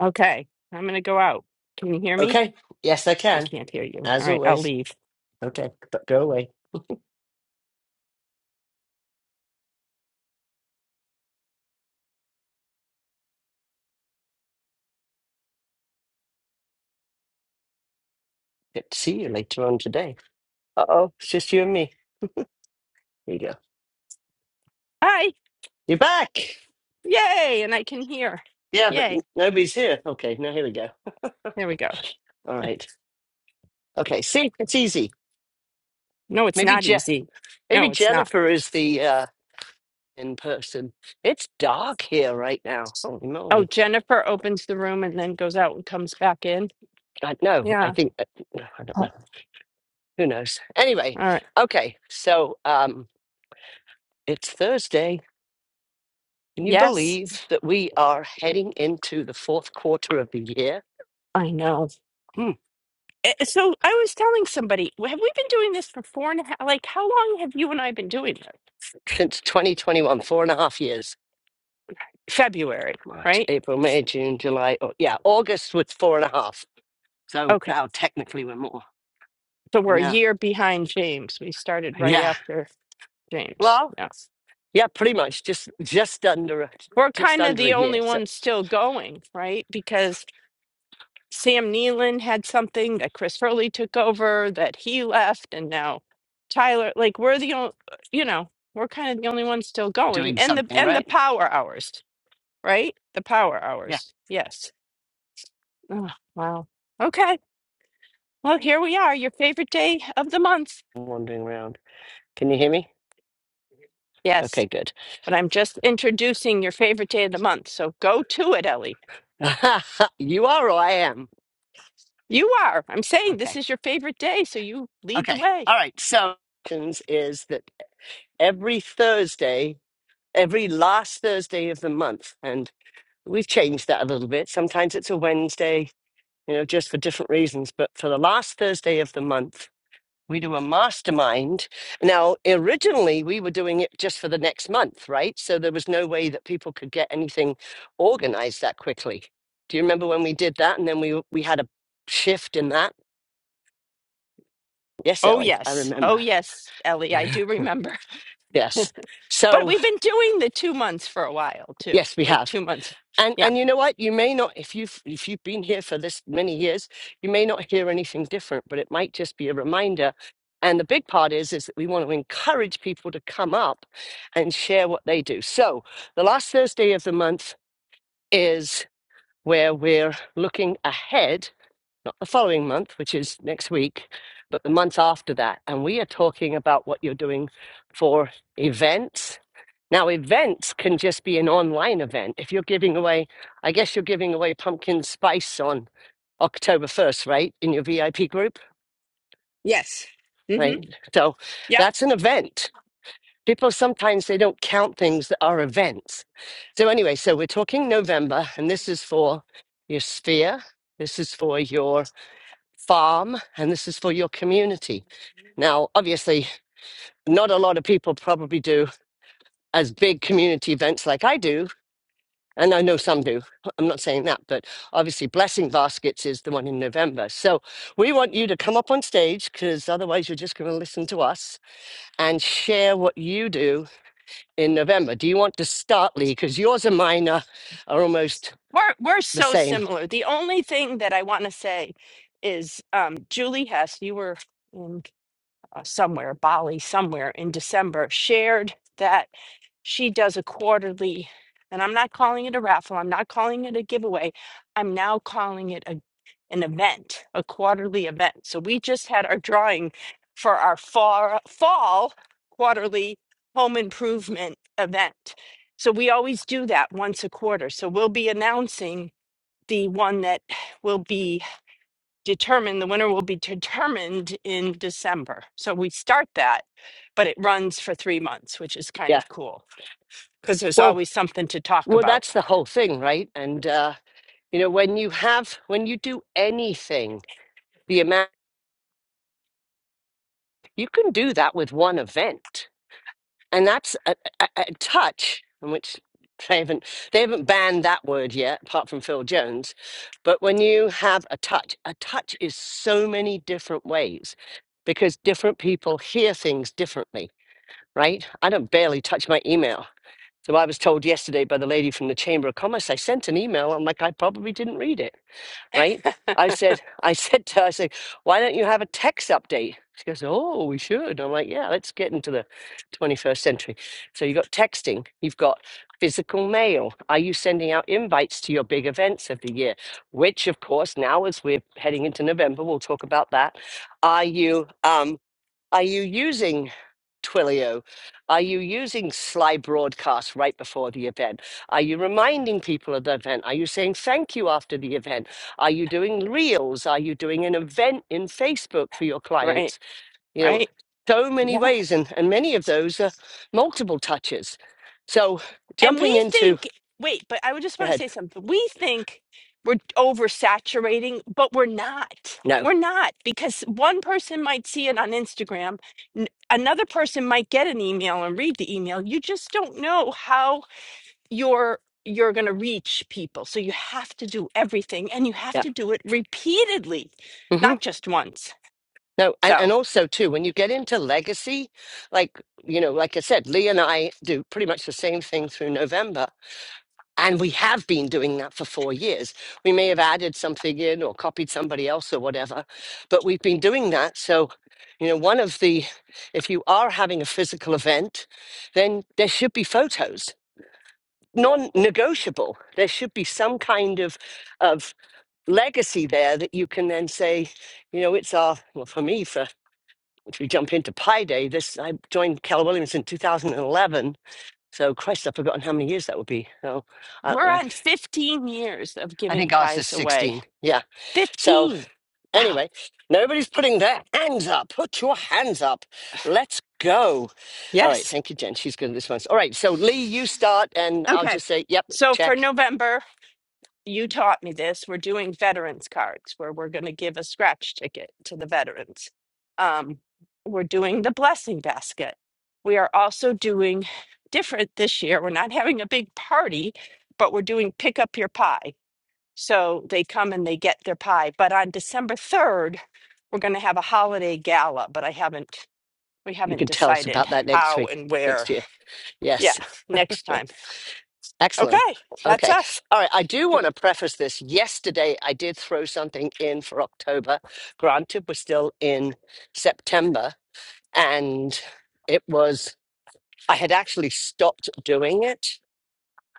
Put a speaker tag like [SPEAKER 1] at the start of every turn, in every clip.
[SPEAKER 1] Okay, I'm gonna go out. Can you hear me?
[SPEAKER 2] Okay. Yes, I
[SPEAKER 1] I
[SPEAKER 2] can.
[SPEAKER 1] can't hear you. All
[SPEAKER 2] As
[SPEAKER 1] right, I'll
[SPEAKER 2] always.
[SPEAKER 1] leave.
[SPEAKER 2] Okay. But go away. Get to see you later on today. Uh oh. It's just you and me. Here you go.
[SPEAKER 1] Hi!
[SPEAKER 2] You're back.
[SPEAKER 1] Yay! And I can hear.
[SPEAKER 2] Yeah, but n-
[SPEAKER 1] Yay!
[SPEAKER 2] nobody's here. Okay. Now here we go.
[SPEAKER 1] There we go.
[SPEAKER 2] All right. Okay. See, it's easy.
[SPEAKER 1] No, it's
[SPEAKER 2] Maybe
[SPEAKER 1] not
[SPEAKER 2] Je-
[SPEAKER 1] easy.
[SPEAKER 2] Maybe
[SPEAKER 1] No, it's not.
[SPEAKER 2] Jennifer is the uh, in person. It's dark here right now. Holy
[SPEAKER 1] Oh,
[SPEAKER 2] moly.
[SPEAKER 1] Jennifer opens the room and then goes out and comes back in.
[SPEAKER 2] I know. I
[SPEAKER 1] Yeah.
[SPEAKER 2] think. uh, I don't know.
[SPEAKER 3] Oh,
[SPEAKER 2] Who knows? Anyway.
[SPEAKER 1] All right.
[SPEAKER 2] Okay. So um, it's Thursday. Can you
[SPEAKER 1] Yes,
[SPEAKER 2] believe that we are heading into the fourth quarter of the year?
[SPEAKER 1] I know.
[SPEAKER 2] Hmm.
[SPEAKER 1] Eh, eh, So I was telling somebody, have we been doing this for four and a half? Like, how long have you and I been doing this?
[SPEAKER 2] Since 2021, four and a half years.
[SPEAKER 1] February,
[SPEAKER 2] March,
[SPEAKER 1] right?
[SPEAKER 2] April, May, June, July. Oh, yeah, August was four and a half. So
[SPEAKER 1] Okay.
[SPEAKER 2] now technically we're more.
[SPEAKER 1] So
[SPEAKER 2] I
[SPEAKER 1] we're a
[SPEAKER 2] know.
[SPEAKER 1] year behind James. We started right
[SPEAKER 2] Yeah.
[SPEAKER 1] after James.
[SPEAKER 2] Well,
[SPEAKER 1] Yeah.
[SPEAKER 2] yeah, pretty much just just under a,
[SPEAKER 1] We're
[SPEAKER 2] just
[SPEAKER 1] kind of
[SPEAKER 2] under a
[SPEAKER 1] the
[SPEAKER 2] year.
[SPEAKER 1] only
[SPEAKER 2] So
[SPEAKER 1] ones still going, right? Because Sam Nealon had something that Chris Hurley took over, that he left, and now Tyler. Like we're the only, you know, we're kind of the only ones still going,
[SPEAKER 2] doing
[SPEAKER 1] and the
[SPEAKER 2] something
[SPEAKER 1] and the
[SPEAKER 2] right.
[SPEAKER 1] power hours, right? The power
[SPEAKER 2] Yeah.
[SPEAKER 1] hours. Yes. Oh, wow. Okay. Well, here we are. Your favorite day of the month.
[SPEAKER 2] I'm wandering around. Can you hear me? Okay,
[SPEAKER 1] Yes,
[SPEAKER 2] good.
[SPEAKER 1] but I'm just introducing your favorite day of the month. So go to it, Ellie.
[SPEAKER 2] you are or I am.
[SPEAKER 1] You are. I'm saying this
[SPEAKER 2] Okay.
[SPEAKER 1] is your favorite day, so you lead the
[SPEAKER 2] Okay.
[SPEAKER 1] way.
[SPEAKER 2] All right. So is that every Thursday, every last Thursday of the month. And we've changed that a little bit. Sometimes it's a Wednesday, you know, just for different reasons. But for the last Thursday of the month, we do a mastermind. Now, originally, we were doing it just for the next month, right? So there was no way that people could get anything organized that quickly. Do you remember when we did that? And then we we had a shift in that. Yes,
[SPEAKER 1] Oh,
[SPEAKER 2] Ellie, I
[SPEAKER 1] yes. Oh,
[SPEAKER 2] remember.
[SPEAKER 1] yes, Ellie, I
[SPEAKER 2] Yeah.
[SPEAKER 1] do remember.
[SPEAKER 2] Yes.
[SPEAKER 1] But
[SPEAKER 2] So,
[SPEAKER 1] we've been doing the two months for a while too,
[SPEAKER 2] yes, we
[SPEAKER 1] like
[SPEAKER 2] have.
[SPEAKER 1] two months.
[SPEAKER 2] And
[SPEAKER 1] Yeah.
[SPEAKER 2] and you know what? You may not if you've if you've been here for this many years, you may not hear anything different, but it might just be a reminder. And the big part is is that we want to encourage people to come up and share what they do. So the last Thursday of the month is where we're looking ahead, not the following month, which is next week, but the month after that. And we are talking about what you're doing for events now, events can just be an online event. If you're giving away, I guess you're giving away pumpkin spice on October 1st, right? In your VIP group,
[SPEAKER 1] Yes. hmm
[SPEAKER 2] right? So
[SPEAKER 1] Yeah.
[SPEAKER 2] that's an event. People sometimes they don't count things that are events. So anyway, so we're talking November, and this is for your sphere, this is for your farm, and this is for your community. Now, obviously, not a lot of people probably do as big community events like I do, And I know some do. I'm not saying that, but obviously, Blessing Baskets is the one in November. So we want you to come up on stage because otherwise, you're just going to listen to us and share what you do in November. Do you want to start, Lee? Because yours and mine are, are almost
[SPEAKER 1] We're we're
[SPEAKER 2] the
[SPEAKER 1] so
[SPEAKER 2] same.
[SPEAKER 1] similar. The only thing that I want to say is um, Julie Hess, you were in uh, somewhere, Bali, somewhere in December, shared that she does a quarterly, and I'm not calling it a raffle, I'm not calling it a giveaway, I'm now calling it a, an event, a quarterly event. So we just had our drawing for our fall, fall quarterly home improvement event. So we always do that once a quarter. So we'll be announcing the one that will be determined, the winner will be determined in December. So we start that, but it runs for three months, which is kind
[SPEAKER 2] Yeah.
[SPEAKER 1] of cool because there's
[SPEAKER 2] Well,
[SPEAKER 1] always something to talk
[SPEAKER 2] well,
[SPEAKER 1] about.
[SPEAKER 2] that's the whole thing, right? And uh, you know, when you have, when you do anything, the amount you can do that with one event. and that's a, a, a touch in which they haven't they haven't banned that word yet apart from phil jones but when you have a touch a touch is so many different ways because different people hear things differently right i don't barely touch my email so i was told yesterday by the lady from the chamber of commerce i sent an email i'm like i probably didn't read it right? I said, I said to her, I said, why don't you have a text update? She goes, oh, we should. I'm like, yeah, let's get into the 21st century. So you've got texting, you've got physical mail. Are you sending out invites to your big events of the year? Which, of course, now as we're heading into November, we'll talk about that. Are you? um, are you using Twilio? Are you using Sly Broadcast right before the event? Are you reminding people of the event? Are you saying thank you after the event? Are you doing reels? Are you doing an event in Facebook for your
[SPEAKER 1] Right.
[SPEAKER 2] clients? You know,
[SPEAKER 1] Right.
[SPEAKER 2] so many
[SPEAKER 1] Yeah.
[SPEAKER 2] ways, and, and many of those are multiple touches. So
[SPEAKER 1] And
[SPEAKER 2] jumping
[SPEAKER 1] we
[SPEAKER 2] into,
[SPEAKER 1] think, wait, but I would just
[SPEAKER 2] go
[SPEAKER 1] want to
[SPEAKER 2] ahead.
[SPEAKER 1] say something. We think we're oversaturating, but we're not.
[SPEAKER 2] No,
[SPEAKER 1] We're not because one person might see it on Instagram, n- another person might get an email and read the email. You just don't know how you're you're going to reach people so you have to do everything and you have
[SPEAKER 2] yeah.
[SPEAKER 1] to do it repeatedly
[SPEAKER 2] hmm
[SPEAKER 1] not just once
[SPEAKER 2] No, and,
[SPEAKER 1] so
[SPEAKER 2] and also too, when you get into legacy, like, you know, like I said, Lee and I do pretty much the same thing through November And we have been doing that for four years. We may have added something in or copied somebody else or whatever, but we've been doing that. So, you know, one of the, if you are having a physical event, then there should be photos, non negotiable. There should be some kind of, of legacy there that you can then say, you know, it's our, well, for me, for, if we jump into Pi Day, this, I joined Cal Williams in 2011. So, Christ, I've forgotten how many years that would be. So, I don't
[SPEAKER 1] we're
[SPEAKER 2] know.
[SPEAKER 1] on 15 years of
[SPEAKER 2] I
[SPEAKER 1] giving
[SPEAKER 2] think ours is
[SPEAKER 1] pies away
[SPEAKER 2] 16. Yeah. So
[SPEAKER 1] 15 wow
[SPEAKER 2] anyway, nobody's putting their hands up. Put your hands up. Let's go. All right.
[SPEAKER 1] yes
[SPEAKER 2] Thank you, Jen. She's good at this one. All right. So Lee, you start, and I'll
[SPEAKER 1] okay
[SPEAKER 2] just say, yep,
[SPEAKER 1] so for
[SPEAKER 2] check.
[SPEAKER 1] november you taught me this. We're doing veterans cards where we're going to give a scratch ticket to the veterans. Um, we're doing the blessing basket. We are also doing different this year. We're not having a big party, but we're doing pick up your pie. So they come and they get their pie. But on December 3rd, we're going to have a holiday gala, but I haven't we
[SPEAKER 2] You
[SPEAKER 1] haven't
[SPEAKER 2] can tell us
[SPEAKER 1] decided
[SPEAKER 2] about that next
[SPEAKER 1] how
[SPEAKER 2] week,
[SPEAKER 1] and where.
[SPEAKER 2] next year.
[SPEAKER 1] Yeah,
[SPEAKER 2] Yes.
[SPEAKER 1] next time.
[SPEAKER 2] Excellent.
[SPEAKER 1] Okay, that's
[SPEAKER 2] Okay.
[SPEAKER 1] us.
[SPEAKER 2] All right. I do want to preface this. Yesterday, I did throw something in for October. Granted, we're still in September, and it was, I had actually stopped doing it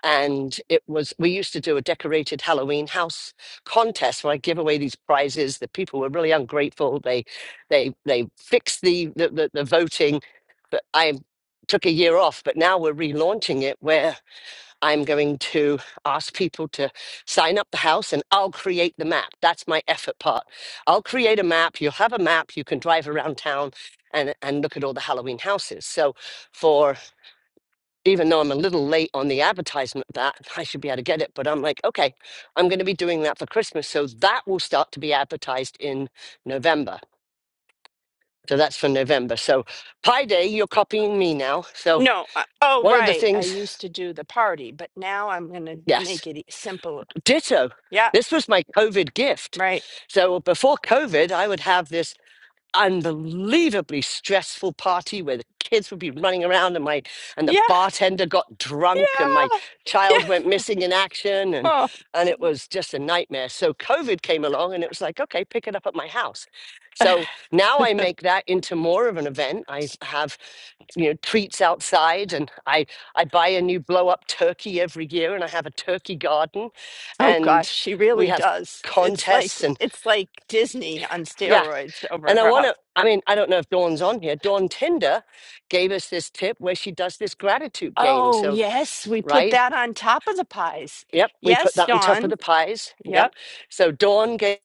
[SPEAKER 2] and it was we used to do a decorated halloween house contest where i give away these prizes the people were really ungrateful they they they fixed the the, the, the voting but i took a year off but now we're relaunching it where i'm going to ask people to sign up the house and i'll create the map that's my effort part i'll create a map you'll have a map you can drive around town and and look at all the halloween houses so for even though I'm a little late on the advertisement of that I should be able to get it, but I'm like, okay, I'm going to be doing that for Christmas. So that will start to be advertised in November. So that's for November. So Pi Day, you're copying me now. So
[SPEAKER 1] No. I, oh,
[SPEAKER 2] one of the
[SPEAKER 1] right. I
[SPEAKER 2] things,
[SPEAKER 1] used to do the party, but now I'm going to
[SPEAKER 2] yes,
[SPEAKER 1] make it e- simple.
[SPEAKER 2] ditto.
[SPEAKER 1] Yeah,
[SPEAKER 2] This was my COVID gift.
[SPEAKER 1] right.
[SPEAKER 2] So before COVID, I would have this unbelievably stressful party where the kids would be running around and my and the
[SPEAKER 1] Yeah,
[SPEAKER 2] bartender got drunk and my
[SPEAKER 1] yeah, yeah.
[SPEAKER 2] child went missing in action and
[SPEAKER 1] Oh,
[SPEAKER 2] and it was just a nightmare so covid came along and it was like okay pick it up at my house so now i make that into more of an event i have you know treats outside and i i buy a new blow up turkey every year and i have a turkey garden
[SPEAKER 1] oh gosh,
[SPEAKER 2] and
[SPEAKER 1] she
[SPEAKER 2] we
[SPEAKER 1] really
[SPEAKER 2] have
[SPEAKER 1] does. It's like
[SPEAKER 2] contests and
[SPEAKER 1] it's like Disney on
[SPEAKER 2] yeah
[SPEAKER 1] steroids over
[SPEAKER 2] and I
[SPEAKER 1] her
[SPEAKER 2] want
[SPEAKER 1] house.
[SPEAKER 2] to, I mean, I don't know if Dawn's on here. Dawn Tinder gave us this tip where she does this gratitude game.
[SPEAKER 1] Oh
[SPEAKER 2] So,
[SPEAKER 1] yes, we put
[SPEAKER 2] right?
[SPEAKER 1] that on top of the pies.
[SPEAKER 2] Yep. We put
[SPEAKER 1] Yes,
[SPEAKER 2] that on top of
[SPEAKER 1] Dawn.
[SPEAKER 2] the pies.
[SPEAKER 1] Yep.
[SPEAKER 2] Yep. So, Dawn gave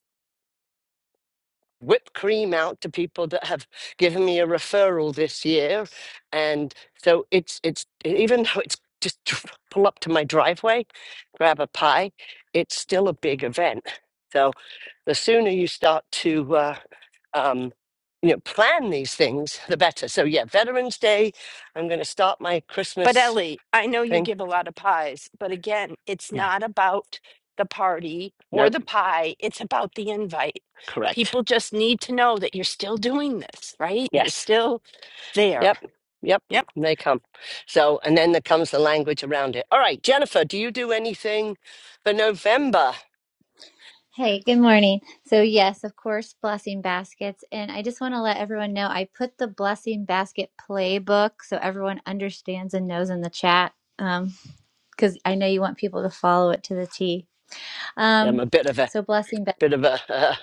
[SPEAKER 2] whipped cream out to people that have given me a referral this year. And so it's, it's, even though it's just pull up to my driveway, grab a pie, it's still a big event. So, The sooner you start to uh, um, you know plan these things, the better. So yeah, Veterans Day. I'm going to start my
[SPEAKER 1] But
[SPEAKER 2] Christmas
[SPEAKER 1] Ellie, I know you
[SPEAKER 2] thing.
[SPEAKER 1] give a lot of pies, but again, it's
[SPEAKER 2] Yeah.
[SPEAKER 1] not about the party or
[SPEAKER 2] Nope.
[SPEAKER 1] the pie, it's about the invite.
[SPEAKER 2] Correct.
[SPEAKER 1] People just need to know that you're still doing this, right? You're
[SPEAKER 2] Yes.
[SPEAKER 1] still there.
[SPEAKER 2] Yep. Yep.
[SPEAKER 1] Yep.
[SPEAKER 2] They come. So and then there comes the language around it. All right, Jennifer, do you do anything for November?
[SPEAKER 3] hey, good morning. So, yes, of course, blessing baskets. And I just want to let everyone know I put the blessing basket playbook so everyone understands and knows in the chat because I know you want people to follow it to the T.
[SPEAKER 2] Yeah, I'm
[SPEAKER 3] Um,
[SPEAKER 2] a bit of a
[SPEAKER 3] so, blessing baskets.
[SPEAKER 2] bit of a uh,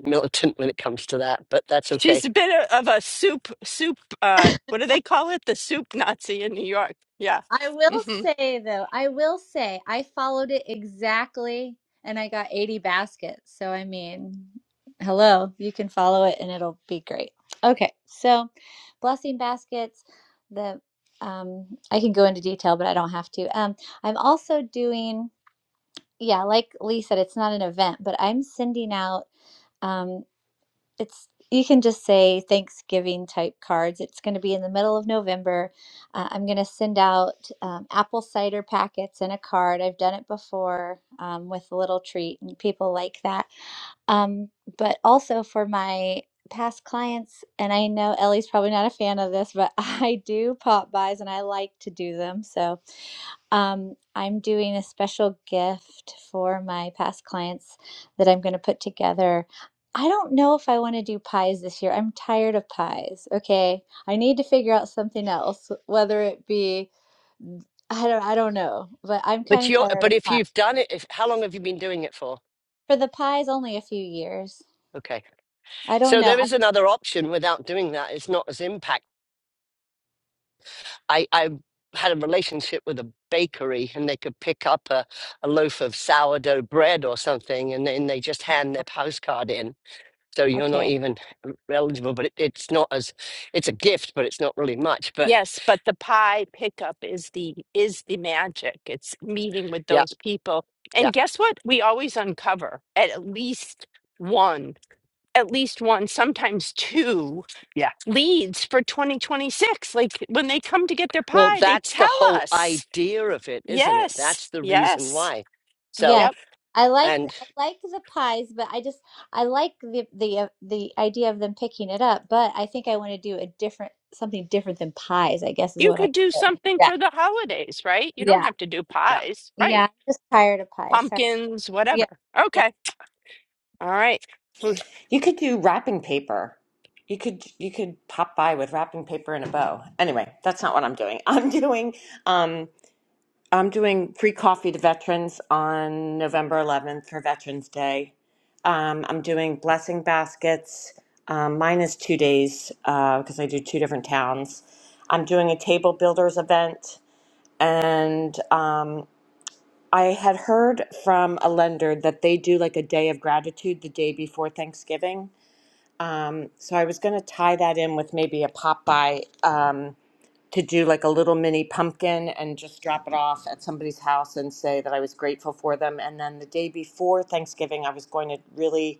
[SPEAKER 2] militant when it comes to that, but that's okay.
[SPEAKER 1] She's a bit o- of a soup, soup, uh, what do they call it? The soup Nazi in New York. Yeah.
[SPEAKER 3] I will
[SPEAKER 1] hmm
[SPEAKER 3] say though, I will say I followed it exactly and I got 80 baskets. So I mean, hello, you can follow it and it'll be great. Okay. So, blessing baskets, the um I can go into detail, but I don't have to. Um I'm also doing yeah, like Lee said it's not an event, but I'm sending out um, it's you can just say Thanksgiving type cards. It's going to be in the middle of November. Uh, I'm going to send out um, apple cider packets and a card. I've done it before um, with a little treat, and people like that. Um, but also for my past clients, and I know Ellie's probably not a fan of this, but I do pop buys and I like to do them. So um, I'm doing a special gift for my past clients that I'm going to put together. I don't know if I want to do pies this year. I'm tired of pies. Okay. I need to figure out something else, whether it be I don't I don't know, but I'm kind
[SPEAKER 2] But
[SPEAKER 3] of
[SPEAKER 2] you are
[SPEAKER 3] tired of
[SPEAKER 2] but if
[SPEAKER 3] pies.
[SPEAKER 2] you've done it, if, how long have you been doing it for?
[SPEAKER 3] For the pies only a few years.
[SPEAKER 2] Okay.
[SPEAKER 3] I don't
[SPEAKER 2] So
[SPEAKER 3] know.
[SPEAKER 2] there
[SPEAKER 3] I,
[SPEAKER 2] is another option without doing that. It's not as impact. I, I had a relationship with a bakery and they could pick up a, a loaf of sourdough bread or something and then they just hand their postcard in. So you're not
[SPEAKER 3] okay.
[SPEAKER 2] even eligible, but it, it's not as, it's a gift, but it's not really much. But
[SPEAKER 1] Yes, but the pie pickup is the is the magic. It's meeting with
[SPEAKER 2] yeah,
[SPEAKER 1] those people.
[SPEAKER 2] yeah,
[SPEAKER 1] And guess what? We always uncover at least one at least one, sometimes two
[SPEAKER 2] yeah.
[SPEAKER 1] leads for 2026. Like when they come to get their
[SPEAKER 2] Well,
[SPEAKER 1] pie, they
[SPEAKER 2] that's
[SPEAKER 1] tell
[SPEAKER 2] the whole
[SPEAKER 1] us.
[SPEAKER 2] idea of it, isn't it?
[SPEAKER 1] Yes,
[SPEAKER 2] That's the reason
[SPEAKER 1] yes,
[SPEAKER 2] why. So,
[SPEAKER 3] Yes.
[SPEAKER 1] yep.
[SPEAKER 3] I like
[SPEAKER 2] and
[SPEAKER 3] I like the pies, but I just I like the the uh, the idea of them picking it up, but I think I want to do a different something different than pies, I guess is
[SPEAKER 1] You
[SPEAKER 3] what I
[SPEAKER 1] could do
[SPEAKER 3] said.
[SPEAKER 1] something
[SPEAKER 3] Yeah.
[SPEAKER 1] for the holidays, right? You don't
[SPEAKER 3] Yeah.
[SPEAKER 1] have to do
[SPEAKER 2] yeah.
[SPEAKER 1] pies,
[SPEAKER 3] Yeah.
[SPEAKER 1] right?
[SPEAKER 3] I'm just tired of pies. Sorry.
[SPEAKER 1] Pumpkins, whatever.
[SPEAKER 3] Yeah.
[SPEAKER 1] Okay, all right. Who's-
[SPEAKER 4] You could do wrapping paper. You could you could pop by with wrapping paper and a bow. Anyway, that's not what I'm doing. I'm doing um I'm doing free coffee to veterans on November 11th for Veterans Day. Um, I'm doing blessing baskets. Um, mine is two days uh, because I do two different towns. I'm doing a table builders event, and um, I had heard from a lender that they do like a day of gratitude the day before Thanksgiving um, so I was going to tie that in with maybe a pop by um, to do like a little mini pumpkin and just drop it off at somebody's house and say that I was grateful for them. And then the day before Thanksgiving, I was going to really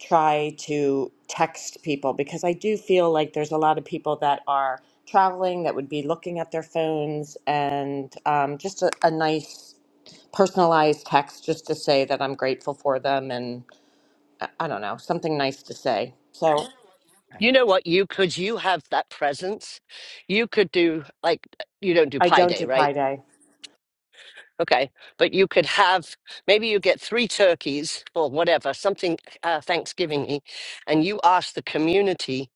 [SPEAKER 4] try to text people because I do feel like there's a lot of people that are traveling that would be looking at their phones and um, just a, a nice personalized text just to say that I'm grateful for them and I I don't know, something nice to say. So.
[SPEAKER 2] You know what you could you have that presence. You could do like you don't do
[SPEAKER 4] I
[SPEAKER 2] Pi
[SPEAKER 4] don't
[SPEAKER 2] day,
[SPEAKER 4] do
[SPEAKER 2] right?
[SPEAKER 4] Pi Day.
[SPEAKER 2] Okay. But you could have maybe you get three turkeys or whatever, something uh Thanksgiving and you ask the community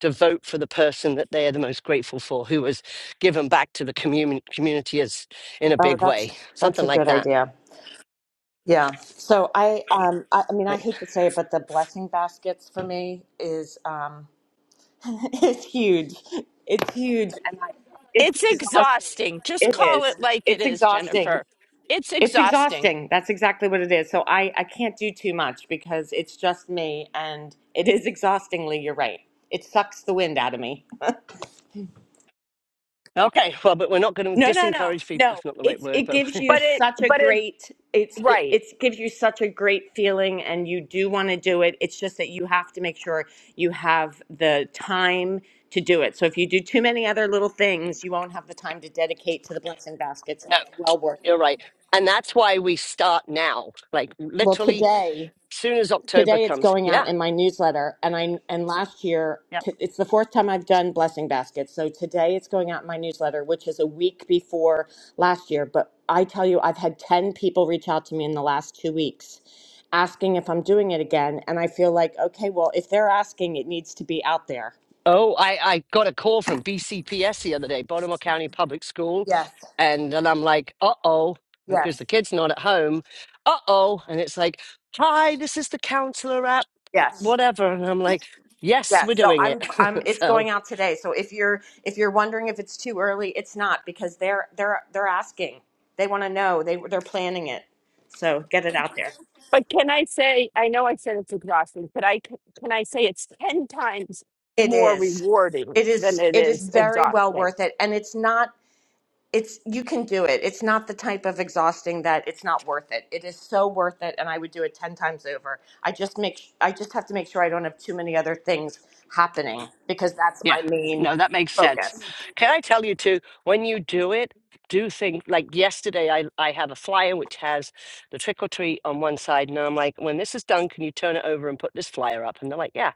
[SPEAKER 2] to vote for the person that they are the most grateful for who was given back to the commun- community as in a
[SPEAKER 4] Oh,
[SPEAKER 2] big way.
[SPEAKER 4] that's that's a
[SPEAKER 2] Something like
[SPEAKER 4] good
[SPEAKER 2] that.
[SPEAKER 4] idea. Yeah. So I, um, I, I mean, I
[SPEAKER 2] Right.
[SPEAKER 4] hate to say it, but the blessing baskets for me is, um, it's huge. It's huge, and I, it's
[SPEAKER 1] It's
[SPEAKER 4] exhausting.
[SPEAKER 1] exhausting. Just
[SPEAKER 4] It
[SPEAKER 1] call
[SPEAKER 4] is.
[SPEAKER 1] it like it
[SPEAKER 4] It's
[SPEAKER 1] is,
[SPEAKER 4] exhausting.
[SPEAKER 1] Jennifer. It's
[SPEAKER 4] It's
[SPEAKER 1] exhausting,
[SPEAKER 4] exhausting. That's exactly what it is. So I, I can't do too much because it's just me, and it is exhaustingly. You're right. It sucks the wind out of me.
[SPEAKER 2] Okay, well, but we're not going to
[SPEAKER 4] No, no, no,
[SPEAKER 2] disencourage people.
[SPEAKER 4] no.
[SPEAKER 2] That's not the right
[SPEAKER 4] It's
[SPEAKER 2] word,
[SPEAKER 4] it
[SPEAKER 2] but
[SPEAKER 4] gives you
[SPEAKER 1] but
[SPEAKER 2] anyway.
[SPEAKER 1] it,
[SPEAKER 4] such a
[SPEAKER 1] but it,
[SPEAKER 4] great it's it,
[SPEAKER 1] right.
[SPEAKER 4] it's gives you such a great feeling, and you do want to do it. It's just that you have to make sure you have the time to do it. So if you do too many other little things, you won't have the time to dedicate to the blessing baskets. and
[SPEAKER 2] No,
[SPEAKER 4] It's well worth
[SPEAKER 2] you're
[SPEAKER 4] it.
[SPEAKER 2] right. And that's why we start now. Like
[SPEAKER 4] Well,
[SPEAKER 2] literally
[SPEAKER 4] today
[SPEAKER 2] soon as October
[SPEAKER 4] today it's
[SPEAKER 2] comes.
[SPEAKER 4] going out
[SPEAKER 2] Yeah.
[SPEAKER 4] in my newsletter and i and last year
[SPEAKER 2] Yep.
[SPEAKER 4] t- it's the fourth time i've done blessing baskets so today it's going out in my newsletter which is a week before last year but i tell you i've had 10 people reach out to me in the last two weeks asking if i'm doing it again and i feel like okay well if they're asking it needs to be out there
[SPEAKER 2] Oh, I, I got a call from BCPS the other day, Baltimore County Public School.
[SPEAKER 4] Yes,
[SPEAKER 2] And then I'm like, uh oh, because
[SPEAKER 4] yes,
[SPEAKER 2] the kid's not at home. Uh oh. And it's like, hi, this is the counselor at
[SPEAKER 4] yes.
[SPEAKER 2] whatever. And I'm like, yes,
[SPEAKER 4] Yes,
[SPEAKER 2] we're
[SPEAKER 4] so
[SPEAKER 2] doing
[SPEAKER 4] I'm
[SPEAKER 2] it.
[SPEAKER 4] I'm it's
[SPEAKER 2] so,
[SPEAKER 4] going out today. So if you're if you're wondering if it's too early, it's not because they're they're they're asking. They want to know. They they're planning it. So get it out there.
[SPEAKER 1] But can I say, I know I said it's exhausting, but I c- can I say it's 10 times
[SPEAKER 4] It
[SPEAKER 1] more
[SPEAKER 4] is.
[SPEAKER 1] rewarding
[SPEAKER 4] It
[SPEAKER 1] than
[SPEAKER 4] is
[SPEAKER 1] it
[SPEAKER 4] it is
[SPEAKER 1] is
[SPEAKER 4] very well
[SPEAKER 1] exhausting.
[SPEAKER 4] worth it and it's not it's you can do it. It's not the type of exhausting that it's not worth it. It is so worth it and I would do it 10 times over. I just make I just have to make sure I don't have too many other things happening because that's
[SPEAKER 2] Yeah,
[SPEAKER 4] my main
[SPEAKER 2] no, that makes sense.
[SPEAKER 4] focus.
[SPEAKER 2] Can I tell you too, when you do it, do think like yesterday I I have a flyer which has the trick or treat on one side and I'm like, when this is done, can you turn it over and put this flyer up? And they're like, yeah,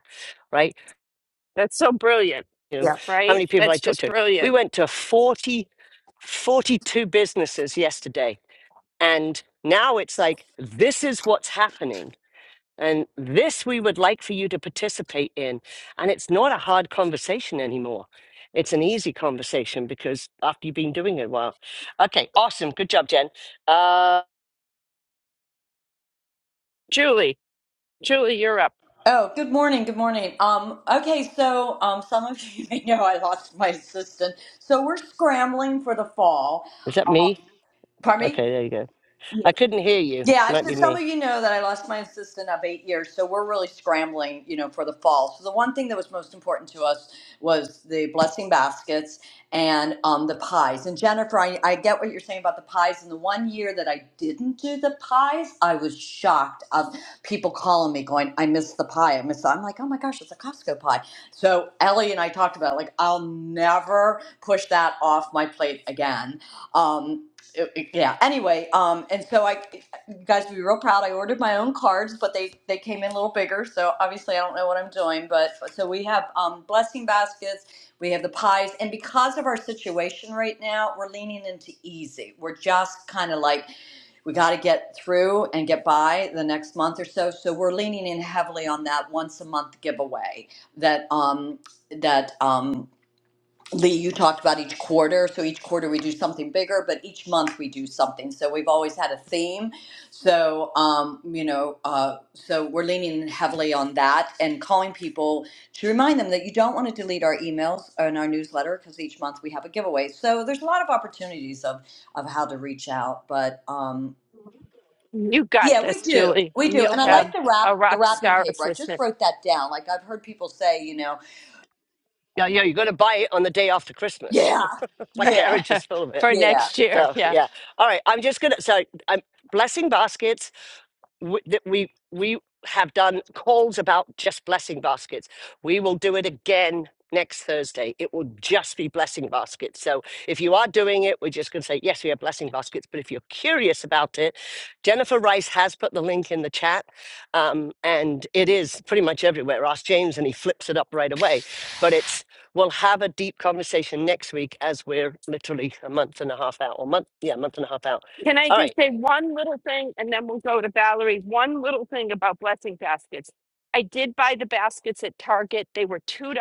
[SPEAKER 2] right.
[SPEAKER 1] That's so brilliant,
[SPEAKER 2] You know,
[SPEAKER 4] Yeah.
[SPEAKER 2] how
[SPEAKER 1] right?
[SPEAKER 2] many people I
[SPEAKER 1] That's
[SPEAKER 2] talked
[SPEAKER 1] just
[SPEAKER 2] to? We
[SPEAKER 1] brilliant.
[SPEAKER 2] went to 40, 42 businesses yesterday and now it's like this is what's happening and this we would like for you to participate in. And it's not a hard conversation anymore. It's an easy conversation because after you've been doing it a while. Okay, awesome. Good job, Jen. Uh,
[SPEAKER 1] Julie, Julie, you're up.
[SPEAKER 5] Oh, good morning. Good morning. Um, okay, so um, some of you may know I lost my assistant, so we're scrambling for the fall.
[SPEAKER 2] is that me?
[SPEAKER 5] Pardon
[SPEAKER 2] Okay, there you go.
[SPEAKER 5] me?
[SPEAKER 2] I couldn't hear you.
[SPEAKER 5] Yeah,
[SPEAKER 2] Might
[SPEAKER 5] so
[SPEAKER 2] be
[SPEAKER 5] some
[SPEAKER 2] me.
[SPEAKER 5] of you know that I lost my assistant of eight years, so we're really scrambling, you know, for the fall. So the one thing that was most important to us was the blessing baskets and um, the pies. And Jennifer, I, I get what you're saying about the pies. And the one year that I didn't do the pies, I was shocked of people calling me going, "I missed the pie. I missed." The-. I'm like, "Oh my gosh, it's a Costco pie." So Ellie and I talked about it, like I'll never push that off my plate again. Um, it- it- yeah anyway um and so i you guys would be real proud. I ordered my own cards, but they they came in a little bigger, so obviously I don't know what I'm doing. But so we have um, blessing baskets, we have the pies, and because of our situation right now, we're leaning into easy. We're just kind of like we got to get through and get by the next month or so. So we're leaning in heavily on that once a month giveaway that um that um Lee, you talked about each quarter. So each quarter we do something bigger, but each month we do something. So we've always had a theme. So, um, you know, uh, so we're leaning heavily on that and calling people to remind them that you don't want to delete our emails and our newsletter because each month we have a giveaway. So there's a lot of opportunities of, of how to reach out. But um,
[SPEAKER 1] You got
[SPEAKER 5] yeah, we
[SPEAKER 1] this,
[SPEAKER 5] do.
[SPEAKER 1] Julie,
[SPEAKER 5] We
[SPEAKER 1] and
[SPEAKER 5] do.
[SPEAKER 1] you'll
[SPEAKER 5] And I
[SPEAKER 2] Yeah.
[SPEAKER 5] like
[SPEAKER 1] have
[SPEAKER 5] the wrap,
[SPEAKER 1] a
[SPEAKER 5] the
[SPEAKER 1] rock
[SPEAKER 5] wrapping
[SPEAKER 1] star
[SPEAKER 5] paper. I just
[SPEAKER 1] assistant
[SPEAKER 5] wrote that down. Like I've heard people say, you know,
[SPEAKER 2] Yeah, yeah, you're going to buy it on the day after Christmas.
[SPEAKER 5] yeah,
[SPEAKER 2] My
[SPEAKER 5] yeah,
[SPEAKER 2] garage is full of it.
[SPEAKER 1] for
[SPEAKER 5] yeah.
[SPEAKER 1] next year.
[SPEAKER 2] So
[SPEAKER 1] Yeah.
[SPEAKER 2] yeah. All right. I'm just gonna. So I'm blessing baskets. w- that we we have done calls about just blessing baskets. We will do it again next Thursday. It will just be blessing baskets. So if you are doing it, we're just going to say yes, we have blessing baskets. But if you're curious about it, Jennifer Rice has put the link in the chat, um, and it is pretty much everywhere. Ask James, and he flips it up right away. But it's We'll have a deep conversation next week as we're literally a month and a half out, or month, yeah, month and a half out.
[SPEAKER 1] Can I
[SPEAKER 2] All
[SPEAKER 1] just
[SPEAKER 2] right.
[SPEAKER 1] say one little thing and then we'll go to Valerie? One little thing about blessing baskets. I did buy the baskets at Target. They were $2.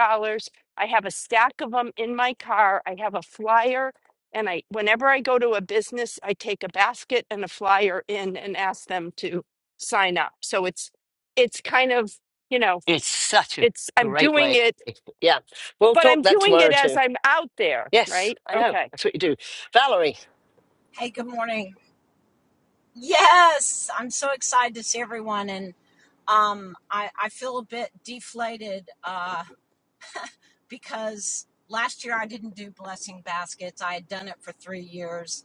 [SPEAKER 1] I have a stack of them in my car. I have a flyer and I whenever I go to a business, I take a basket and a flyer in and ask them to sign up. So it's it's kind of, you know,
[SPEAKER 2] It's such a
[SPEAKER 1] it's I'm
[SPEAKER 2] great
[SPEAKER 1] doing
[SPEAKER 2] way.
[SPEAKER 1] it,
[SPEAKER 2] Yeah. We'll
[SPEAKER 1] but
[SPEAKER 2] talk
[SPEAKER 1] I'm
[SPEAKER 2] that
[SPEAKER 1] doing
[SPEAKER 2] tomorrow
[SPEAKER 1] it as
[SPEAKER 2] too.
[SPEAKER 1] I'm out there,
[SPEAKER 2] Yes,
[SPEAKER 1] right?
[SPEAKER 2] I know.
[SPEAKER 1] Okay.
[SPEAKER 2] That's what you do. Valerie,
[SPEAKER 6] Hey, good morning. Yes, I'm so excited to see everyone, and um, I, I feel a bit deflated uh, because last year I didn't do blessing baskets. I had done it for three years,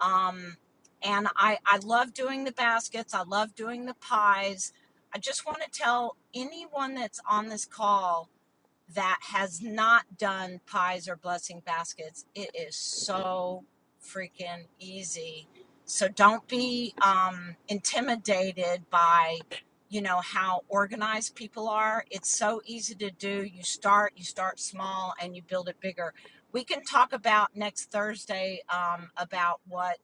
[SPEAKER 6] um, and I I love doing the baskets. I love doing the pies. I just want to tell anyone that's on this call that has not done pies or blessing baskets, it is so freaking easy. So don't be um, intimidated by, you know, how organized people are. It's so easy to do. You start, you start small, and you build it bigger. We can talk about next Thursday um, about what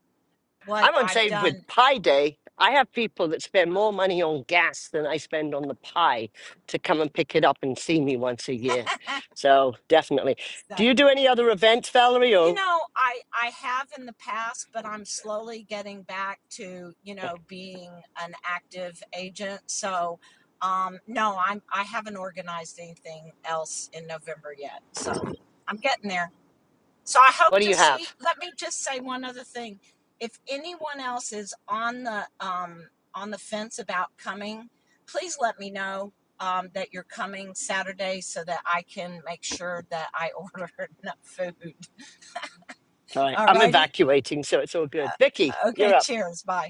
[SPEAKER 6] what
[SPEAKER 2] I'm on
[SPEAKER 6] I've
[SPEAKER 2] save with
[SPEAKER 6] done
[SPEAKER 2] Pi Day. I have people that spend more money on gas than I spend on the pie to come and pick it up and see me once a year. So definitely.
[SPEAKER 6] It's the
[SPEAKER 2] Do you do any other events, Valerie,
[SPEAKER 6] you
[SPEAKER 2] or
[SPEAKER 6] know i i have in the past but i'm slowly getting back to you know being an active agent so um no i'm i haven't organized anything else in november yet so i'm getting there so i hope
[SPEAKER 2] what do
[SPEAKER 6] to
[SPEAKER 2] you have?
[SPEAKER 6] see let me just say one other thing if anyone else is on the um on the fence about coming please let me know um, that you're coming Saturday so that I can make sure that I order enough food.
[SPEAKER 2] All right.
[SPEAKER 6] All
[SPEAKER 2] I'm
[SPEAKER 6] righty.
[SPEAKER 2] evacuating, so it's all good. Vicky,
[SPEAKER 6] Okay,
[SPEAKER 2] you're up.
[SPEAKER 6] cheers. Bye.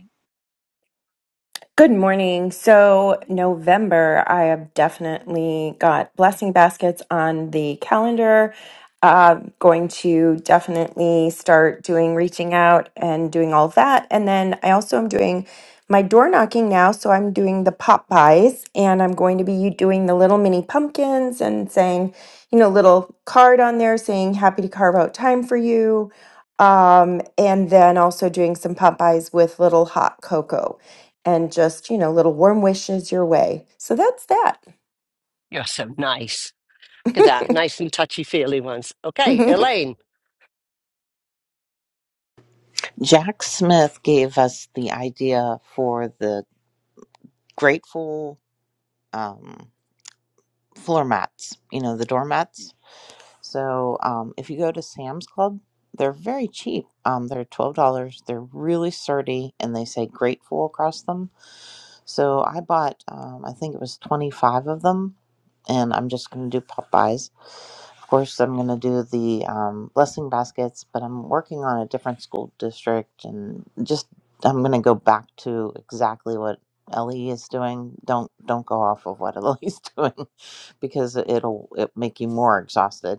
[SPEAKER 7] Good morning. So, November, I have definitely got blessing baskets on the calendar. Uh, going to definitely start doing reaching out and doing all that. And then I also am doing my door knocking now. So, I'm doing the pop buys and I'm going to be doing the little mini pumpkins and saying, you know, little card on there saying, happy to carve out time for you. Um, and then also doing some pop buys with little hot cocoa and just, you know, little warm wishes your way. So that's that.
[SPEAKER 2] You're so nice. Look at that. Nice and touchy feely ones. Okay, Elaine.
[SPEAKER 8] Jack Smith gave us the idea for the grateful um, floor mats, you know, the doormats. So um, if you go to Sam's Club, they're very cheap. Um, they're $12. They're really sturdy and they say grateful across them. So I bought, um, I think it was 25 of them, and I'm just going to do Popeyes. Of course, I'm going to do the um, blessing baskets, but I'm working on a different school district and just I'm going to go back to exactly what Ellie is doing. Don't don't go off of what Ellie's doing because it'll it make you more exhausted.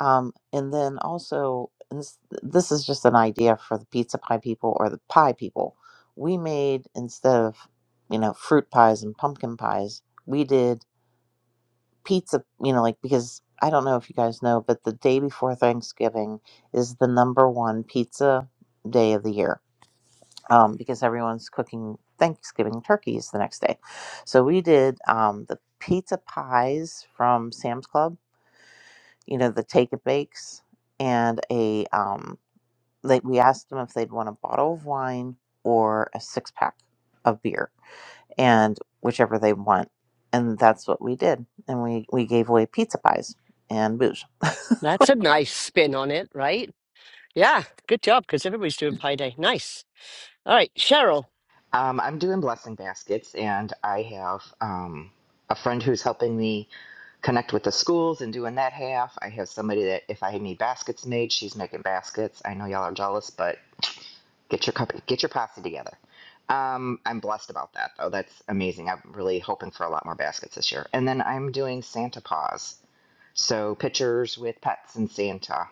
[SPEAKER 8] Um, and then also, and this, this is just an idea for the pizza pie people or the pie people. We made instead of you know fruit pies and pumpkin pies, we did pizza. You know, like because I don't know if you guys know, but the day before Thanksgiving is the number one pizza day of the year um, because everyone's cooking Thanksgiving turkeys the next day. So we did um, the pizza pies from Sam's Club you know, the take it bakes and a um like we asked them if they'd want a bottle of wine or a six pack of beer and whichever they want. And that's what we did. And we, we gave away pizza pies and booze.
[SPEAKER 2] That's a nice spin on it, right? Yeah, good job, because everybody's doing Pi Day. Nice. All right, Cheryl.
[SPEAKER 9] Um, I'm doing blessing baskets, and I have um, a friend who's helping me connect with the schools and doing that half. I have somebody that if I need baskets made, she's making baskets. I know y'all are jealous, but get your company, get your posse together. Um, I'm blessed about that though. That's amazing. I'm really hoping for a lot more baskets this year. And then I'm doing Santa Paws, so pictures with pets and Santa,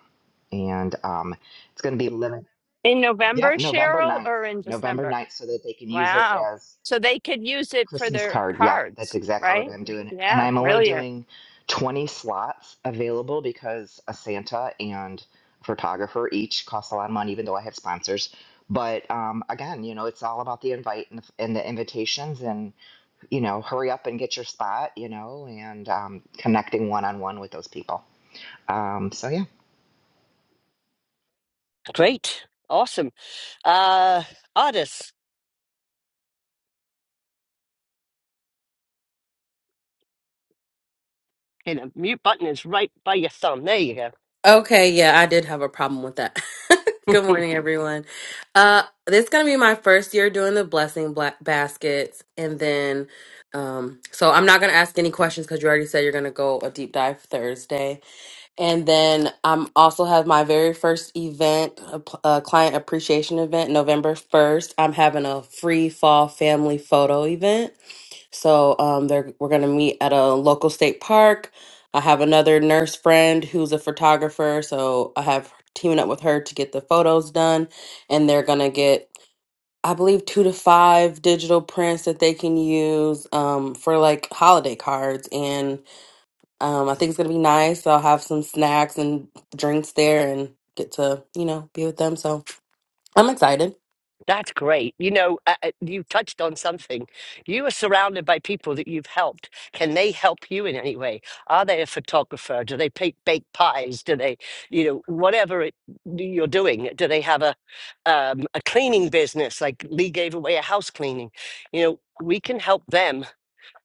[SPEAKER 9] and um, it's going to be limited.
[SPEAKER 1] In November,
[SPEAKER 9] Yep, November
[SPEAKER 1] Cheryl,
[SPEAKER 9] ninth,
[SPEAKER 1] or in
[SPEAKER 9] November
[SPEAKER 1] December?
[SPEAKER 9] ninth, so that they can use it
[SPEAKER 1] Wow.
[SPEAKER 9] as
[SPEAKER 1] So they could use it for
[SPEAKER 9] Christmas
[SPEAKER 1] their
[SPEAKER 9] card. Yep, that's
[SPEAKER 1] cards,
[SPEAKER 9] exactly what
[SPEAKER 1] right?
[SPEAKER 9] I'm doing. And
[SPEAKER 1] Yeah,
[SPEAKER 9] I'm only
[SPEAKER 1] brilliant.
[SPEAKER 9] doing 20 slots available because a Santa and photographer each cost a lot of money, even though I have sponsors. But um, again, you know, it's all about the invite and the, and the invitations, and you know, hurry up and get your spot, you know, and um, connecting one on one with those people. Um, so yeah.
[SPEAKER 2] Great. Awesome. Uh artist. Okay, the mute button is right by your thumb. There you go.
[SPEAKER 10] Okay, yeah, I did have a problem with that. Good morning, everyone. Uh, this is gonna be my first year doing the blessing black baskets, and then, um, so I'm not gonna ask any questions because you already said you're gonna go a deep dive Thursday, and then I'm also have my very first event, a, p- a client appreciation event, November first. I'm having a free fall family photo event so um, they're we're gonna meet at a local state park. I have another nurse friend who's a photographer, so I have teaming up with her to get the photos done, and they're gonna get I believe two to five digital prints that they can use um, for like holiday cards, and um, I think it's gonna be nice. I'll have some snacks and drinks there, and get to you know be with them. So I'm excited.
[SPEAKER 2] That's great. You know, uh, uh, you touched on something. You are surrounded by people that you've helped. Can they help you in any way? Are they a photographer? Do they bake, bake pies? Do they, you know, whatever it, you're doing? Do they have a um, a cleaning business? Like Lee gave away a house cleaning. You know, we can help them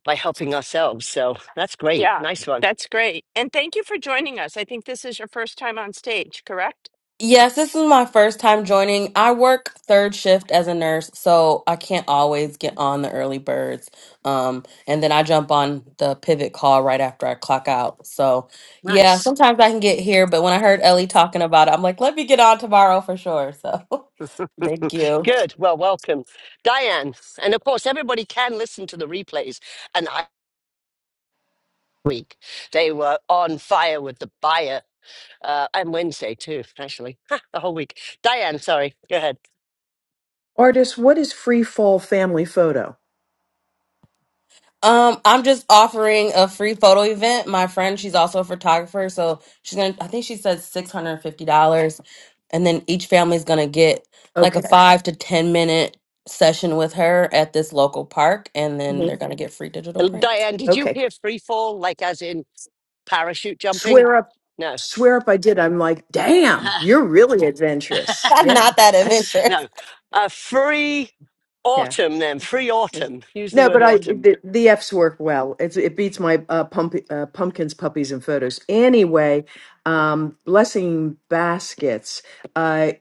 [SPEAKER 2] by helping ourselves. So that's great.
[SPEAKER 1] Yeah,
[SPEAKER 2] Nice one.
[SPEAKER 1] that's great. And thank you for joining us. I think this is your first time on stage, correct?
[SPEAKER 10] Yes, this is my first time joining. I work third shift as a nurse, so I can't always get on the early birds. Um, and then I jump on the pivot call right after I clock out. So, yeah,
[SPEAKER 2] Nice.
[SPEAKER 10] sometimes I can get here, but when I heard Ellie talking about it, I'm like, let me get on tomorrow for sure. So, thank you.
[SPEAKER 2] Good. Well, welcome, Diane. And of course, everybody can listen to the replays. And I. week. They were on fire with the buyer, uh, and Wednesday too, actually, Ha, the whole week. Diane, sorry, go ahead.
[SPEAKER 11] Artist, what is free fall family photo?
[SPEAKER 10] Um, I'm just offering a free photo event. My friend, she's also a photographer, so she's gonna. I think she said six hundred and fifty dollars, and then each family's gonna get like a
[SPEAKER 11] Okay.
[SPEAKER 10] five to ten minute session with her at this local park, and then
[SPEAKER 11] Mhm.
[SPEAKER 10] they're gonna get free digital
[SPEAKER 2] Uh,
[SPEAKER 10] prints.
[SPEAKER 2] Diane, did you
[SPEAKER 11] Okay.
[SPEAKER 2] hear free fall, like as in parachute jumping?
[SPEAKER 11] Swear up,
[SPEAKER 2] No.
[SPEAKER 11] swear up I did. I'm like, damn, you're really adventurous.
[SPEAKER 10] I'm
[SPEAKER 11] Yeah.
[SPEAKER 10] Not that
[SPEAKER 11] That's,
[SPEAKER 10] adventurous.
[SPEAKER 2] no. A free
[SPEAKER 11] yeah.
[SPEAKER 2] autumn, then, free autumn. Use the
[SPEAKER 11] No,
[SPEAKER 2] word
[SPEAKER 11] but I
[SPEAKER 2] autumn.
[SPEAKER 11] the, the F's work well. It's, it beats my uh, pump, uh, pumpkins, puppies, and photos. Anyway, um, blessing baskets. Uh,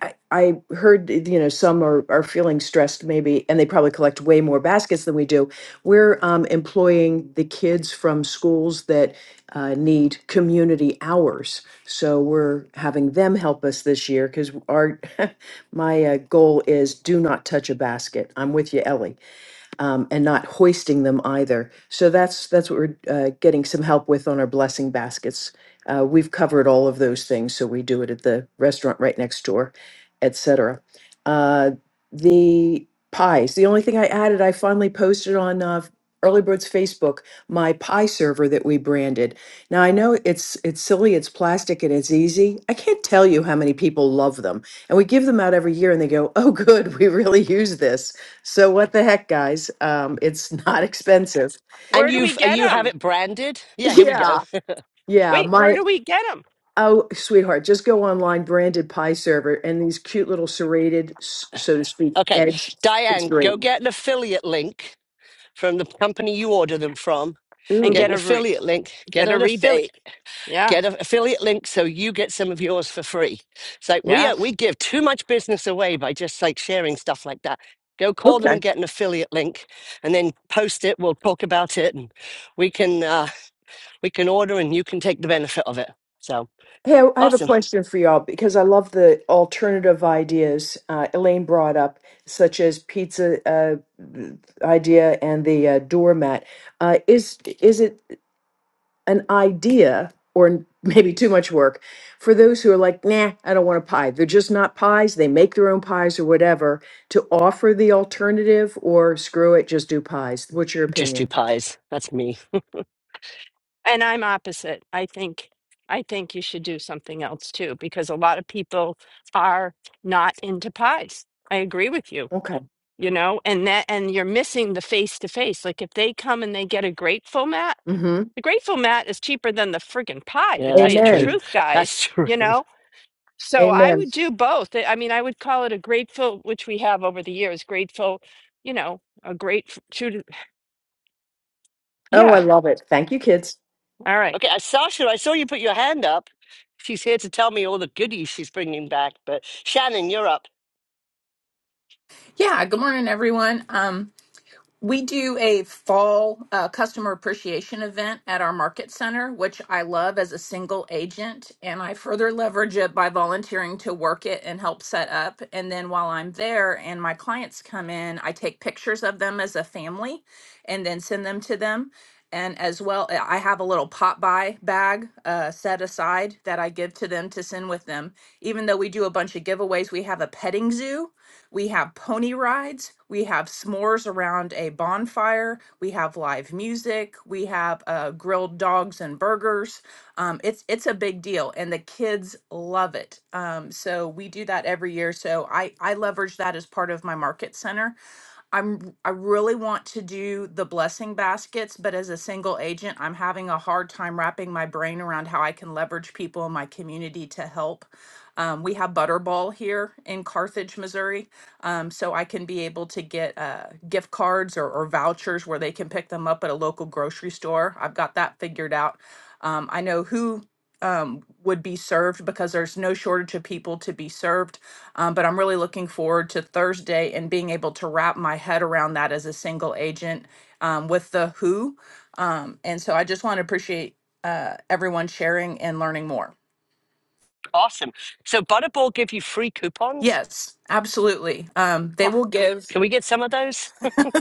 [SPEAKER 11] I, I heard you know some are, are feeling stressed maybe, and they probably collect way more baskets than we do. We're um, employing the kids from schools that uh, need community hours, so we're having them help us this year because our my uh, goal is do not touch a basket. I'm with you, Ellie um, and not hoisting them either. So that's that's what we're uh, getting some help with on our blessing baskets. Uh, we've covered all of those things, so we do it at the restaurant right next door, etc. Uh, the pies. The only thing I added, I finally posted on uh, Early Bird's Facebook my pie server that we branded. Now I know it's it's silly, it's plastic, and it's easy. I can't tell you how many people love them, and we give them out every year, and they go, "Oh, good, we really use this." So what the heck, guys? Um, it's not expensive.
[SPEAKER 2] And
[SPEAKER 1] Where do we
[SPEAKER 2] you've, uh,
[SPEAKER 1] get
[SPEAKER 2] you have
[SPEAKER 1] them?
[SPEAKER 2] it branded? Yeah, here we go.
[SPEAKER 11] Yeah, yeah.
[SPEAKER 1] Wait, where
[SPEAKER 11] My
[SPEAKER 1] do we get them?
[SPEAKER 11] oh, sweetheart, just go online, branded pie server, and these cute little serrated, s- so to speak,
[SPEAKER 2] Okay.
[SPEAKER 11] eggs. It's
[SPEAKER 2] Diane,
[SPEAKER 11] great.
[SPEAKER 2] go get an affiliate link from the company you order them from.
[SPEAKER 1] And
[SPEAKER 2] Get
[SPEAKER 1] get
[SPEAKER 11] Ooh,
[SPEAKER 2] an
[SPEAKER 1] a re
[SPEAKER 2] affiliate link. Get
[SPEAKER 1] get a
[SPEAKER 2] an affiliate.
[SPEAKER 1] rebate. Yeah,
[SPEAKER 2] Get an affiliate link so you get some of yours for free. It's like we
[SPEAKER 1] yeah.
[SPEAKER 2] are, we give too much business away by just like sharing stuff like that. Go call them
[SPEAKER 11] okay.
[SPEAKER 2] and get an affiliate link, and then post it. We'll talk about it, and we can uh, we can order, and you can take the benefit of it. So
[SPEAKER 11] Hey, I I have a
[SPEAKER 2] awesome!
[SPEAKER 11] question for y'all because I love the alternative ideas uh, Elaine brought up, such as pizza uh, idea and the uh, doormat. Uh, is is it? an idea or maybe too much work for those who are like, nah, I don't want a pie. They're just not pies. They make their own pies or whatever to offer the alternative or screw it, just do pies. What's your
[SPEAKER 2] Just do
[SPEAKER 11] opinion?
[SPEAKER 2] pies. That's me.
[SPEAKER 1] And I'm opposite. I think I think you should do something else too, because a lot of people are not into pies. I agree with you.
[SPEAKER 11] Okay.
[SPEAKER 1] you know and that and you're missing the face to face like if they come and they get a grateful mat
[SPEAKER 11] hmm
[SPEAKER 1] the grateful mat is cheaper than the friggin pie to
[SPEAKER 2] Yeah,
[SPEAKER 1] tell
[SPEAKER 2] that's
[SPEAKER 1] you the
[SPEAKER 2] true.
[SPEAKER 11] Amen.
[SPEAKER 1] truth
[SPEAKER 2] That's
[SPEAKER 1] guys
[SPEAKER 2] true.
[SPEAKER 1] you know so i
[SPEAKER 11] Amen.
[SPEAKER 1] would do both i I mean i would call it a grateful which we have over the years grateful you know a great shoot
[SPEAKER 11] Oh, I
[SPEAKER 1] yeah
[SPEAKER 11] love it. Thank you, kids.
[SPEAKER 1] all right
[SPEAKER 2] Okay, uh, Sasha, I saw you put your hand up. She's here to tell me all the goodies she's bringing back. But Shannon, you're up.
[SPEAKER 12] Yeah, good morning, everyone. Um, we do a fall uh, customer appreciation event at our market center, which I love as a single agent. And I further leverage it by volunteering to work it and help set up. And then while I'm there and my clients come in, I take pictures of them as a family and then send them to them. And as well, I have a little pop by bag uh, set aside that I give to them to send with them. Even though we do a bunch of giveaways, we have a petting zoo we have pony rides. We have s'mores around a bonfire. We have live music. We have uh, grilled dogs and burgers. Um, it's it's a big deal, and the kids love it. Um, so we do that every year. So I I leverage that as part of my market center I'm I really want to do the blessing baskets, but as a single agent, I'm having a hard time wrapping my brain around how I can leverage people in my community to help. Um, we have Butterball here in Carthage, Missouri, um, so I can be able to get uh, gift cards or, or vouchers where they can pick them up at a local grocery store. I've got that figured out. Um, I know who um, would be served because there's no shortage of people to be served um, but I'm really looking forward to Thursday and being able to wrap my head around that as a single agent um, with the who. Um, and so I just want to appreciate uh, everyone sharing and learning more.
[SPEAKER 2] Awesome. So Butterball give you free coupons?
[SPEAKER 12] Yes, absolutely. Um, they will give.
[SPEAKER 2] Can we get some of those?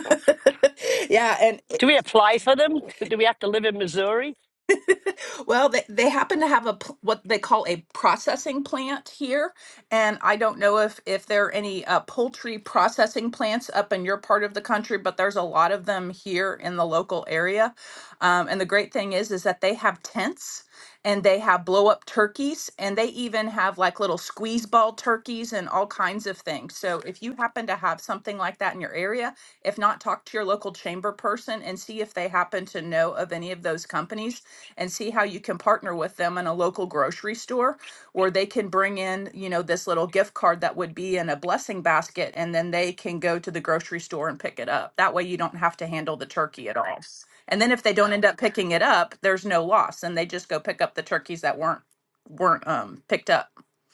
[SPEAKER 12] yeah, and.
[SPEAKER 2] Do we apply for them? Do we have to live in Missouri?
[SPEAKER 12] Well, they, they happen to have a pl- what they call a processing plant here, and I don't know if if there are any uh, poultry processing plants up in your part of the country, but there's a lot of them here in the local area. Um, and the great thing is is that they have tents and they have blow up turkeys and they even have like little squeeze ball turkeys and all kinds of things. So if you happen to have something like like that in your area. If not, talk to your local chamber person and see if they happen to know of any of those companies and see how you can partner with them in a local grocery store where they can bring in, you know, this little gift card that would be in a blessing basket and then they can go to the grocery store and pick it up. That way you don't have to handle the turkey at all. And then if they don't end up picking it up, there's no loss and they just go pick up the turkeys that weren't weren't um picked up.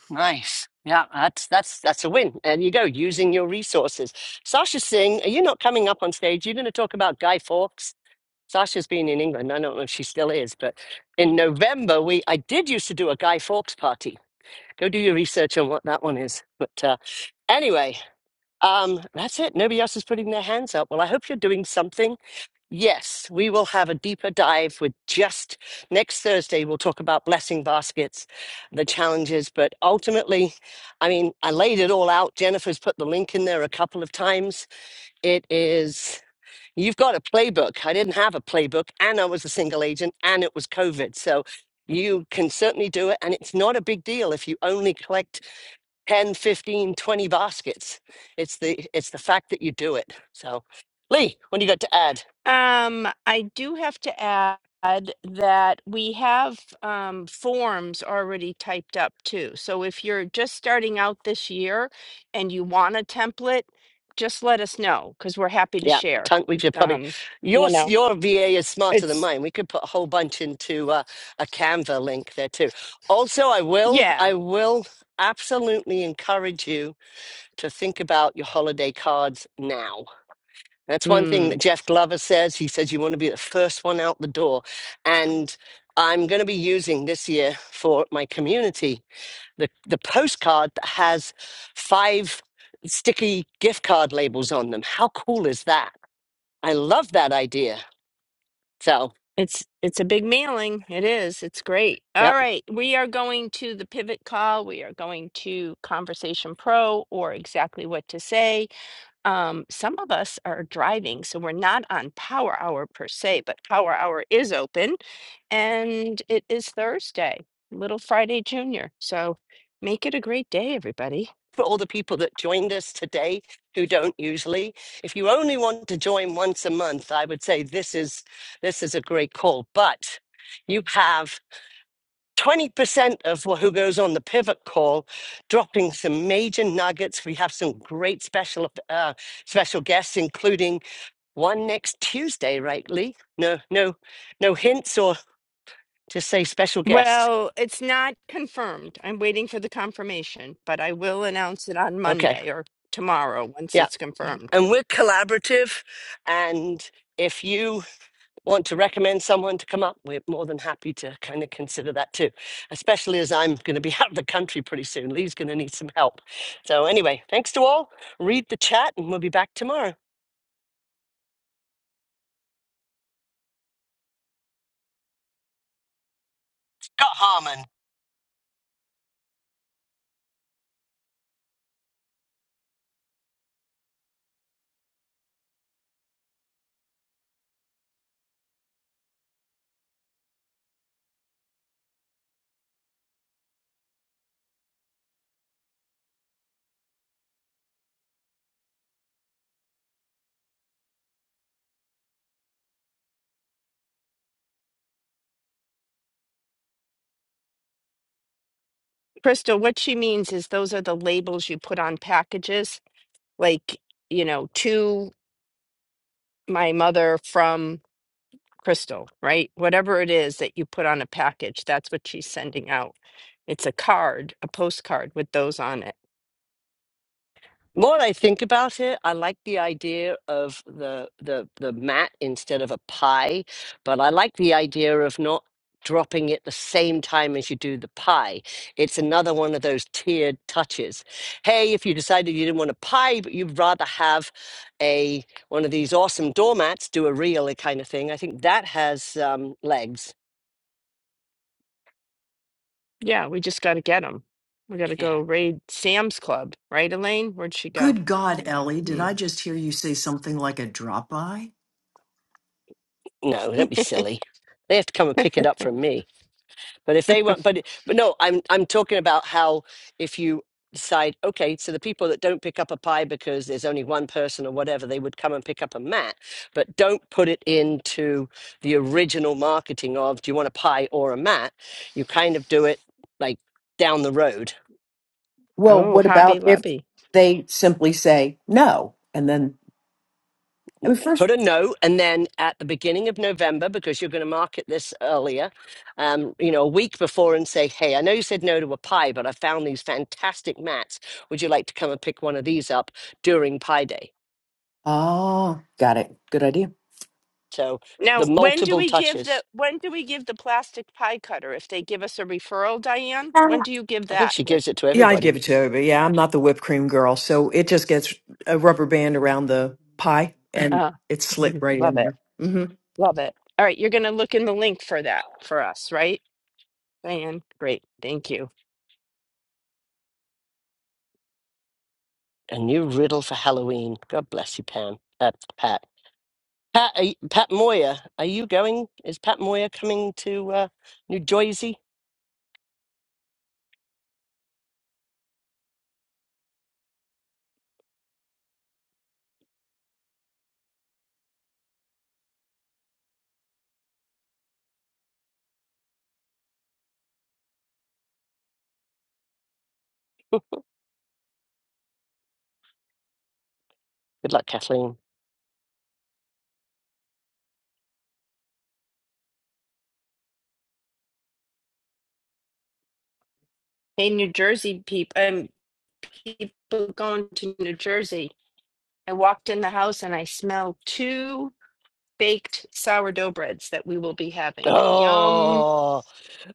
[SPEAKER 2] Nice. Yeah, that's that's that's a win. And you go using your resources. Sasha Singh, are you not coming up on stage? You're going to talk about Guy Fawkes. Sasha's been in England. I don't know if she still is, but in November we I did used to do a Guy Fawkes party. Go do your research on what that one is. But uh, anyway, um, that's it. Nobody else is putting their hands up. Well, I hope you're doing something Yes, we will have a deeper dive with just next Thursday. We'll talk about blessing baskets, the challenges, but ultimately, I mean, I laid it all out. Jennifer's put the link in there a couple of times. It is, you've got a playbook. I didn't have a playbook, and I was a single agent, and it was COVID. So you can certainly do it. And it's not a big deal if you only collect 10, 15, 20 baskets. It's the, it's the fact that you do it. So, Lee, what do you got to add?
[SPEAKER 1] Um, I do have to add that we have um, forms already typed up too. So if you're just starting out this year and you want a template, just let us know because we're happy to
[SPEAKER 2] Yeah,
[SPEAKER 1] share.
[SPEAKER 2] tank with your puppy.
[SPEAKER 1] Um,
[SPEAKER 2] Your
[SPEAKER 1] you
[SPEAKER 2] s-
[SPEAKER 1] know,
[SPEAKER 2] your VA is smarter than
[SPEAKER 1] it's
[SPEAKER 2] mine. We could put a whole bunch into uh, a Canva link there too. Also, I will
[SPEAKER 1] yeah.
[SPEAKER 2] I will absolutely encourage you to think about your holiday cards now. That's one thing that
[SPEAKER 1] Mm,
[SPEAKER 2] Jeff Glover says. He says you want to be the first one out the door, and I'm going to be using this year for my community the the postcard that has five sticky gift card labels on them. How cool is that? I love that idea. So,
[SPEAKER 1] it's it's a big mailing. It is. It's great. All
[SPEAKER 2] yep.
[SPEAKER 1] right, we are going to the pivot call. We are going to Conversation Pro or exactly what to say. um, some of us are driving, so we're not on Power Hour per se, but Power Hour is open and it is Thursday, Little Friday Junior. So make it a great day, everybody.
[SPEAKER 2] For all the people that joined us today who don't usually, if you only want to join once a month, I would say this is this is a great call. But you have 20% of wh- who goes on the pivot call dropping some major nuggets. We have some great special uh, special guests, including one next Tuesday, right, Lee? No, no, no hints or just say special guest.
[SPEAKER 1] Well, it's not confirmed. I'm waiting for the confirmation, but I will announce it on
[SPEAKER 2] Okay.
[SPEAKER 1] Monday or tomorrow once
[SPEAKER 2] Yeah.
[SPEAKER 1] it's confirmed.
[SPEAKER 2] And we're collaborative. And if you want to recommend someone to come up, we're more than happy to kind of consider that too, especially as I'm going to be out of the country pretty soon. Lee's going to need some help. So, anyway, thanks to all. Read the chat and we'll be back tomorrow. Scott Harmon.
[SPEAKER 1] Crystal, what she means is those are the labels you put on packages, like, you know, to my mother from Crystal, right? Whatever it is that you put on a package, that's what she's sending out. It's a card, a postcard with those on it.
[SPEAKER 2] More I think about it, I like the idea of the the the mat instead of a pie, but I like the idea of not dropping it the same time as you do the pie. It's another one of those tiered touches. Hey, if you decided you didn't want a pie, but you'd rather have a one of these awesome doormats, do a reel kind of thing. I think that has um, legs.
[SPEAKER 1] Yeah, we just got to get them. We got to
[SPEAKER 2] Yeah.
[SPEAKER 1] go raid Sam's Club, right, Elaine? Where'd she go?
[SPEAKER 11] Good God, Ellie, did
[SPEAKER 1] Hmm.
[SPEAKER 11] I just hear you say something like a drop by?
[SPEAKER 2] No, don't be silly. They have to come and pick it up from me. But if they want, but but no, I'm I'm talking about how if you decide, okay, so the people that don't pick up a pie because there's only one person or whatever, they would come and pick up a mat, but don't put it into the original marketing of do you want a pie or a mat? You kind of do it like down the road
[SPEAKER 11] Well,
[SPEAKER 1] Oh,
[SPEAKER 11] what
[SPEAKER 1] Hobby
[SPEAKER 11] about if
[SPEAKER 1] Lobby.
[SPEAKER 11] they simply say no? And then, I mean, first,
[SPEAKER 2] put a note and then at the beginning of november because you're going to market this earlier um, you know a week before and say hey i know you said no to a pie but i found these fantastic mats would you like to come and pick one of these up during pie day
[SPEAKER 11] Oh, got it. Good idea.
[SPEAKER 2] so the
[SPEAKER 1] Now, when do
[SPEAKER 2] multiple
[SPEAKER 1] we give the
[SPEAKER 2] touches
[SPEAKER 1] when do we give the plastic pie cutter if they give us a referral, Diane? When do you give
[SPEAKER 2] i think
[SPEAKER 1] that
[SPEAKER 2] she
[SPEAKER 1] with?
[SPEAKER 2] gives it to
[SPEAKER 11] Yeah, I'd
[SPEAKER 2] everybody
[SPEAKER 11] give it to her, but yeah, I'm not the whipped cream girl. So it just gets a rubber band around the pie and
[SPEAKER 1] Uh,
[SPEAKER 11] it's slit
[SPEAKER 1] mhm,
[SPEAKER 11] right
[SPEAKER 1] love
[SPEAKER 11] in
[SPEAKER 1] it.
[SPEAKER 11] there.
[SPEAKER 1] Love it. All right, you're going to look in the link for that for us, right? Diane, great. Thank you.
[SPEAKER 2] a new riddle for halloween god bless you pam uh, pat Pat, are you- Pat Moya, are you going? Is Pat Moya coming to uh, New Jersey? Good luck, Kathleen.
[SPEAKER 1] Hey, New Jersey people, um, people going to New Jersey. I walked in the house and I smelled two baked sourdough breads that we will be having. Yum.
[SPEAKER 2] Oh,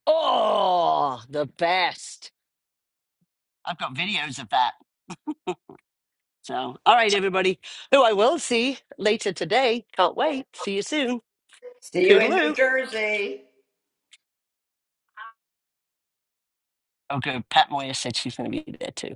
[SPEAKER 2] oh, the best. I've got videos of that. So, all right, everybody, who I will see later today. Can't wait. See you soon.
[SPEAKER 13] See you in New
[SPEAKER 2] Toodaloo.
[SPEAKER 13] Jersey.
[SPEAKER 2] Oh, good. Pat Moyer said she's going to be there too.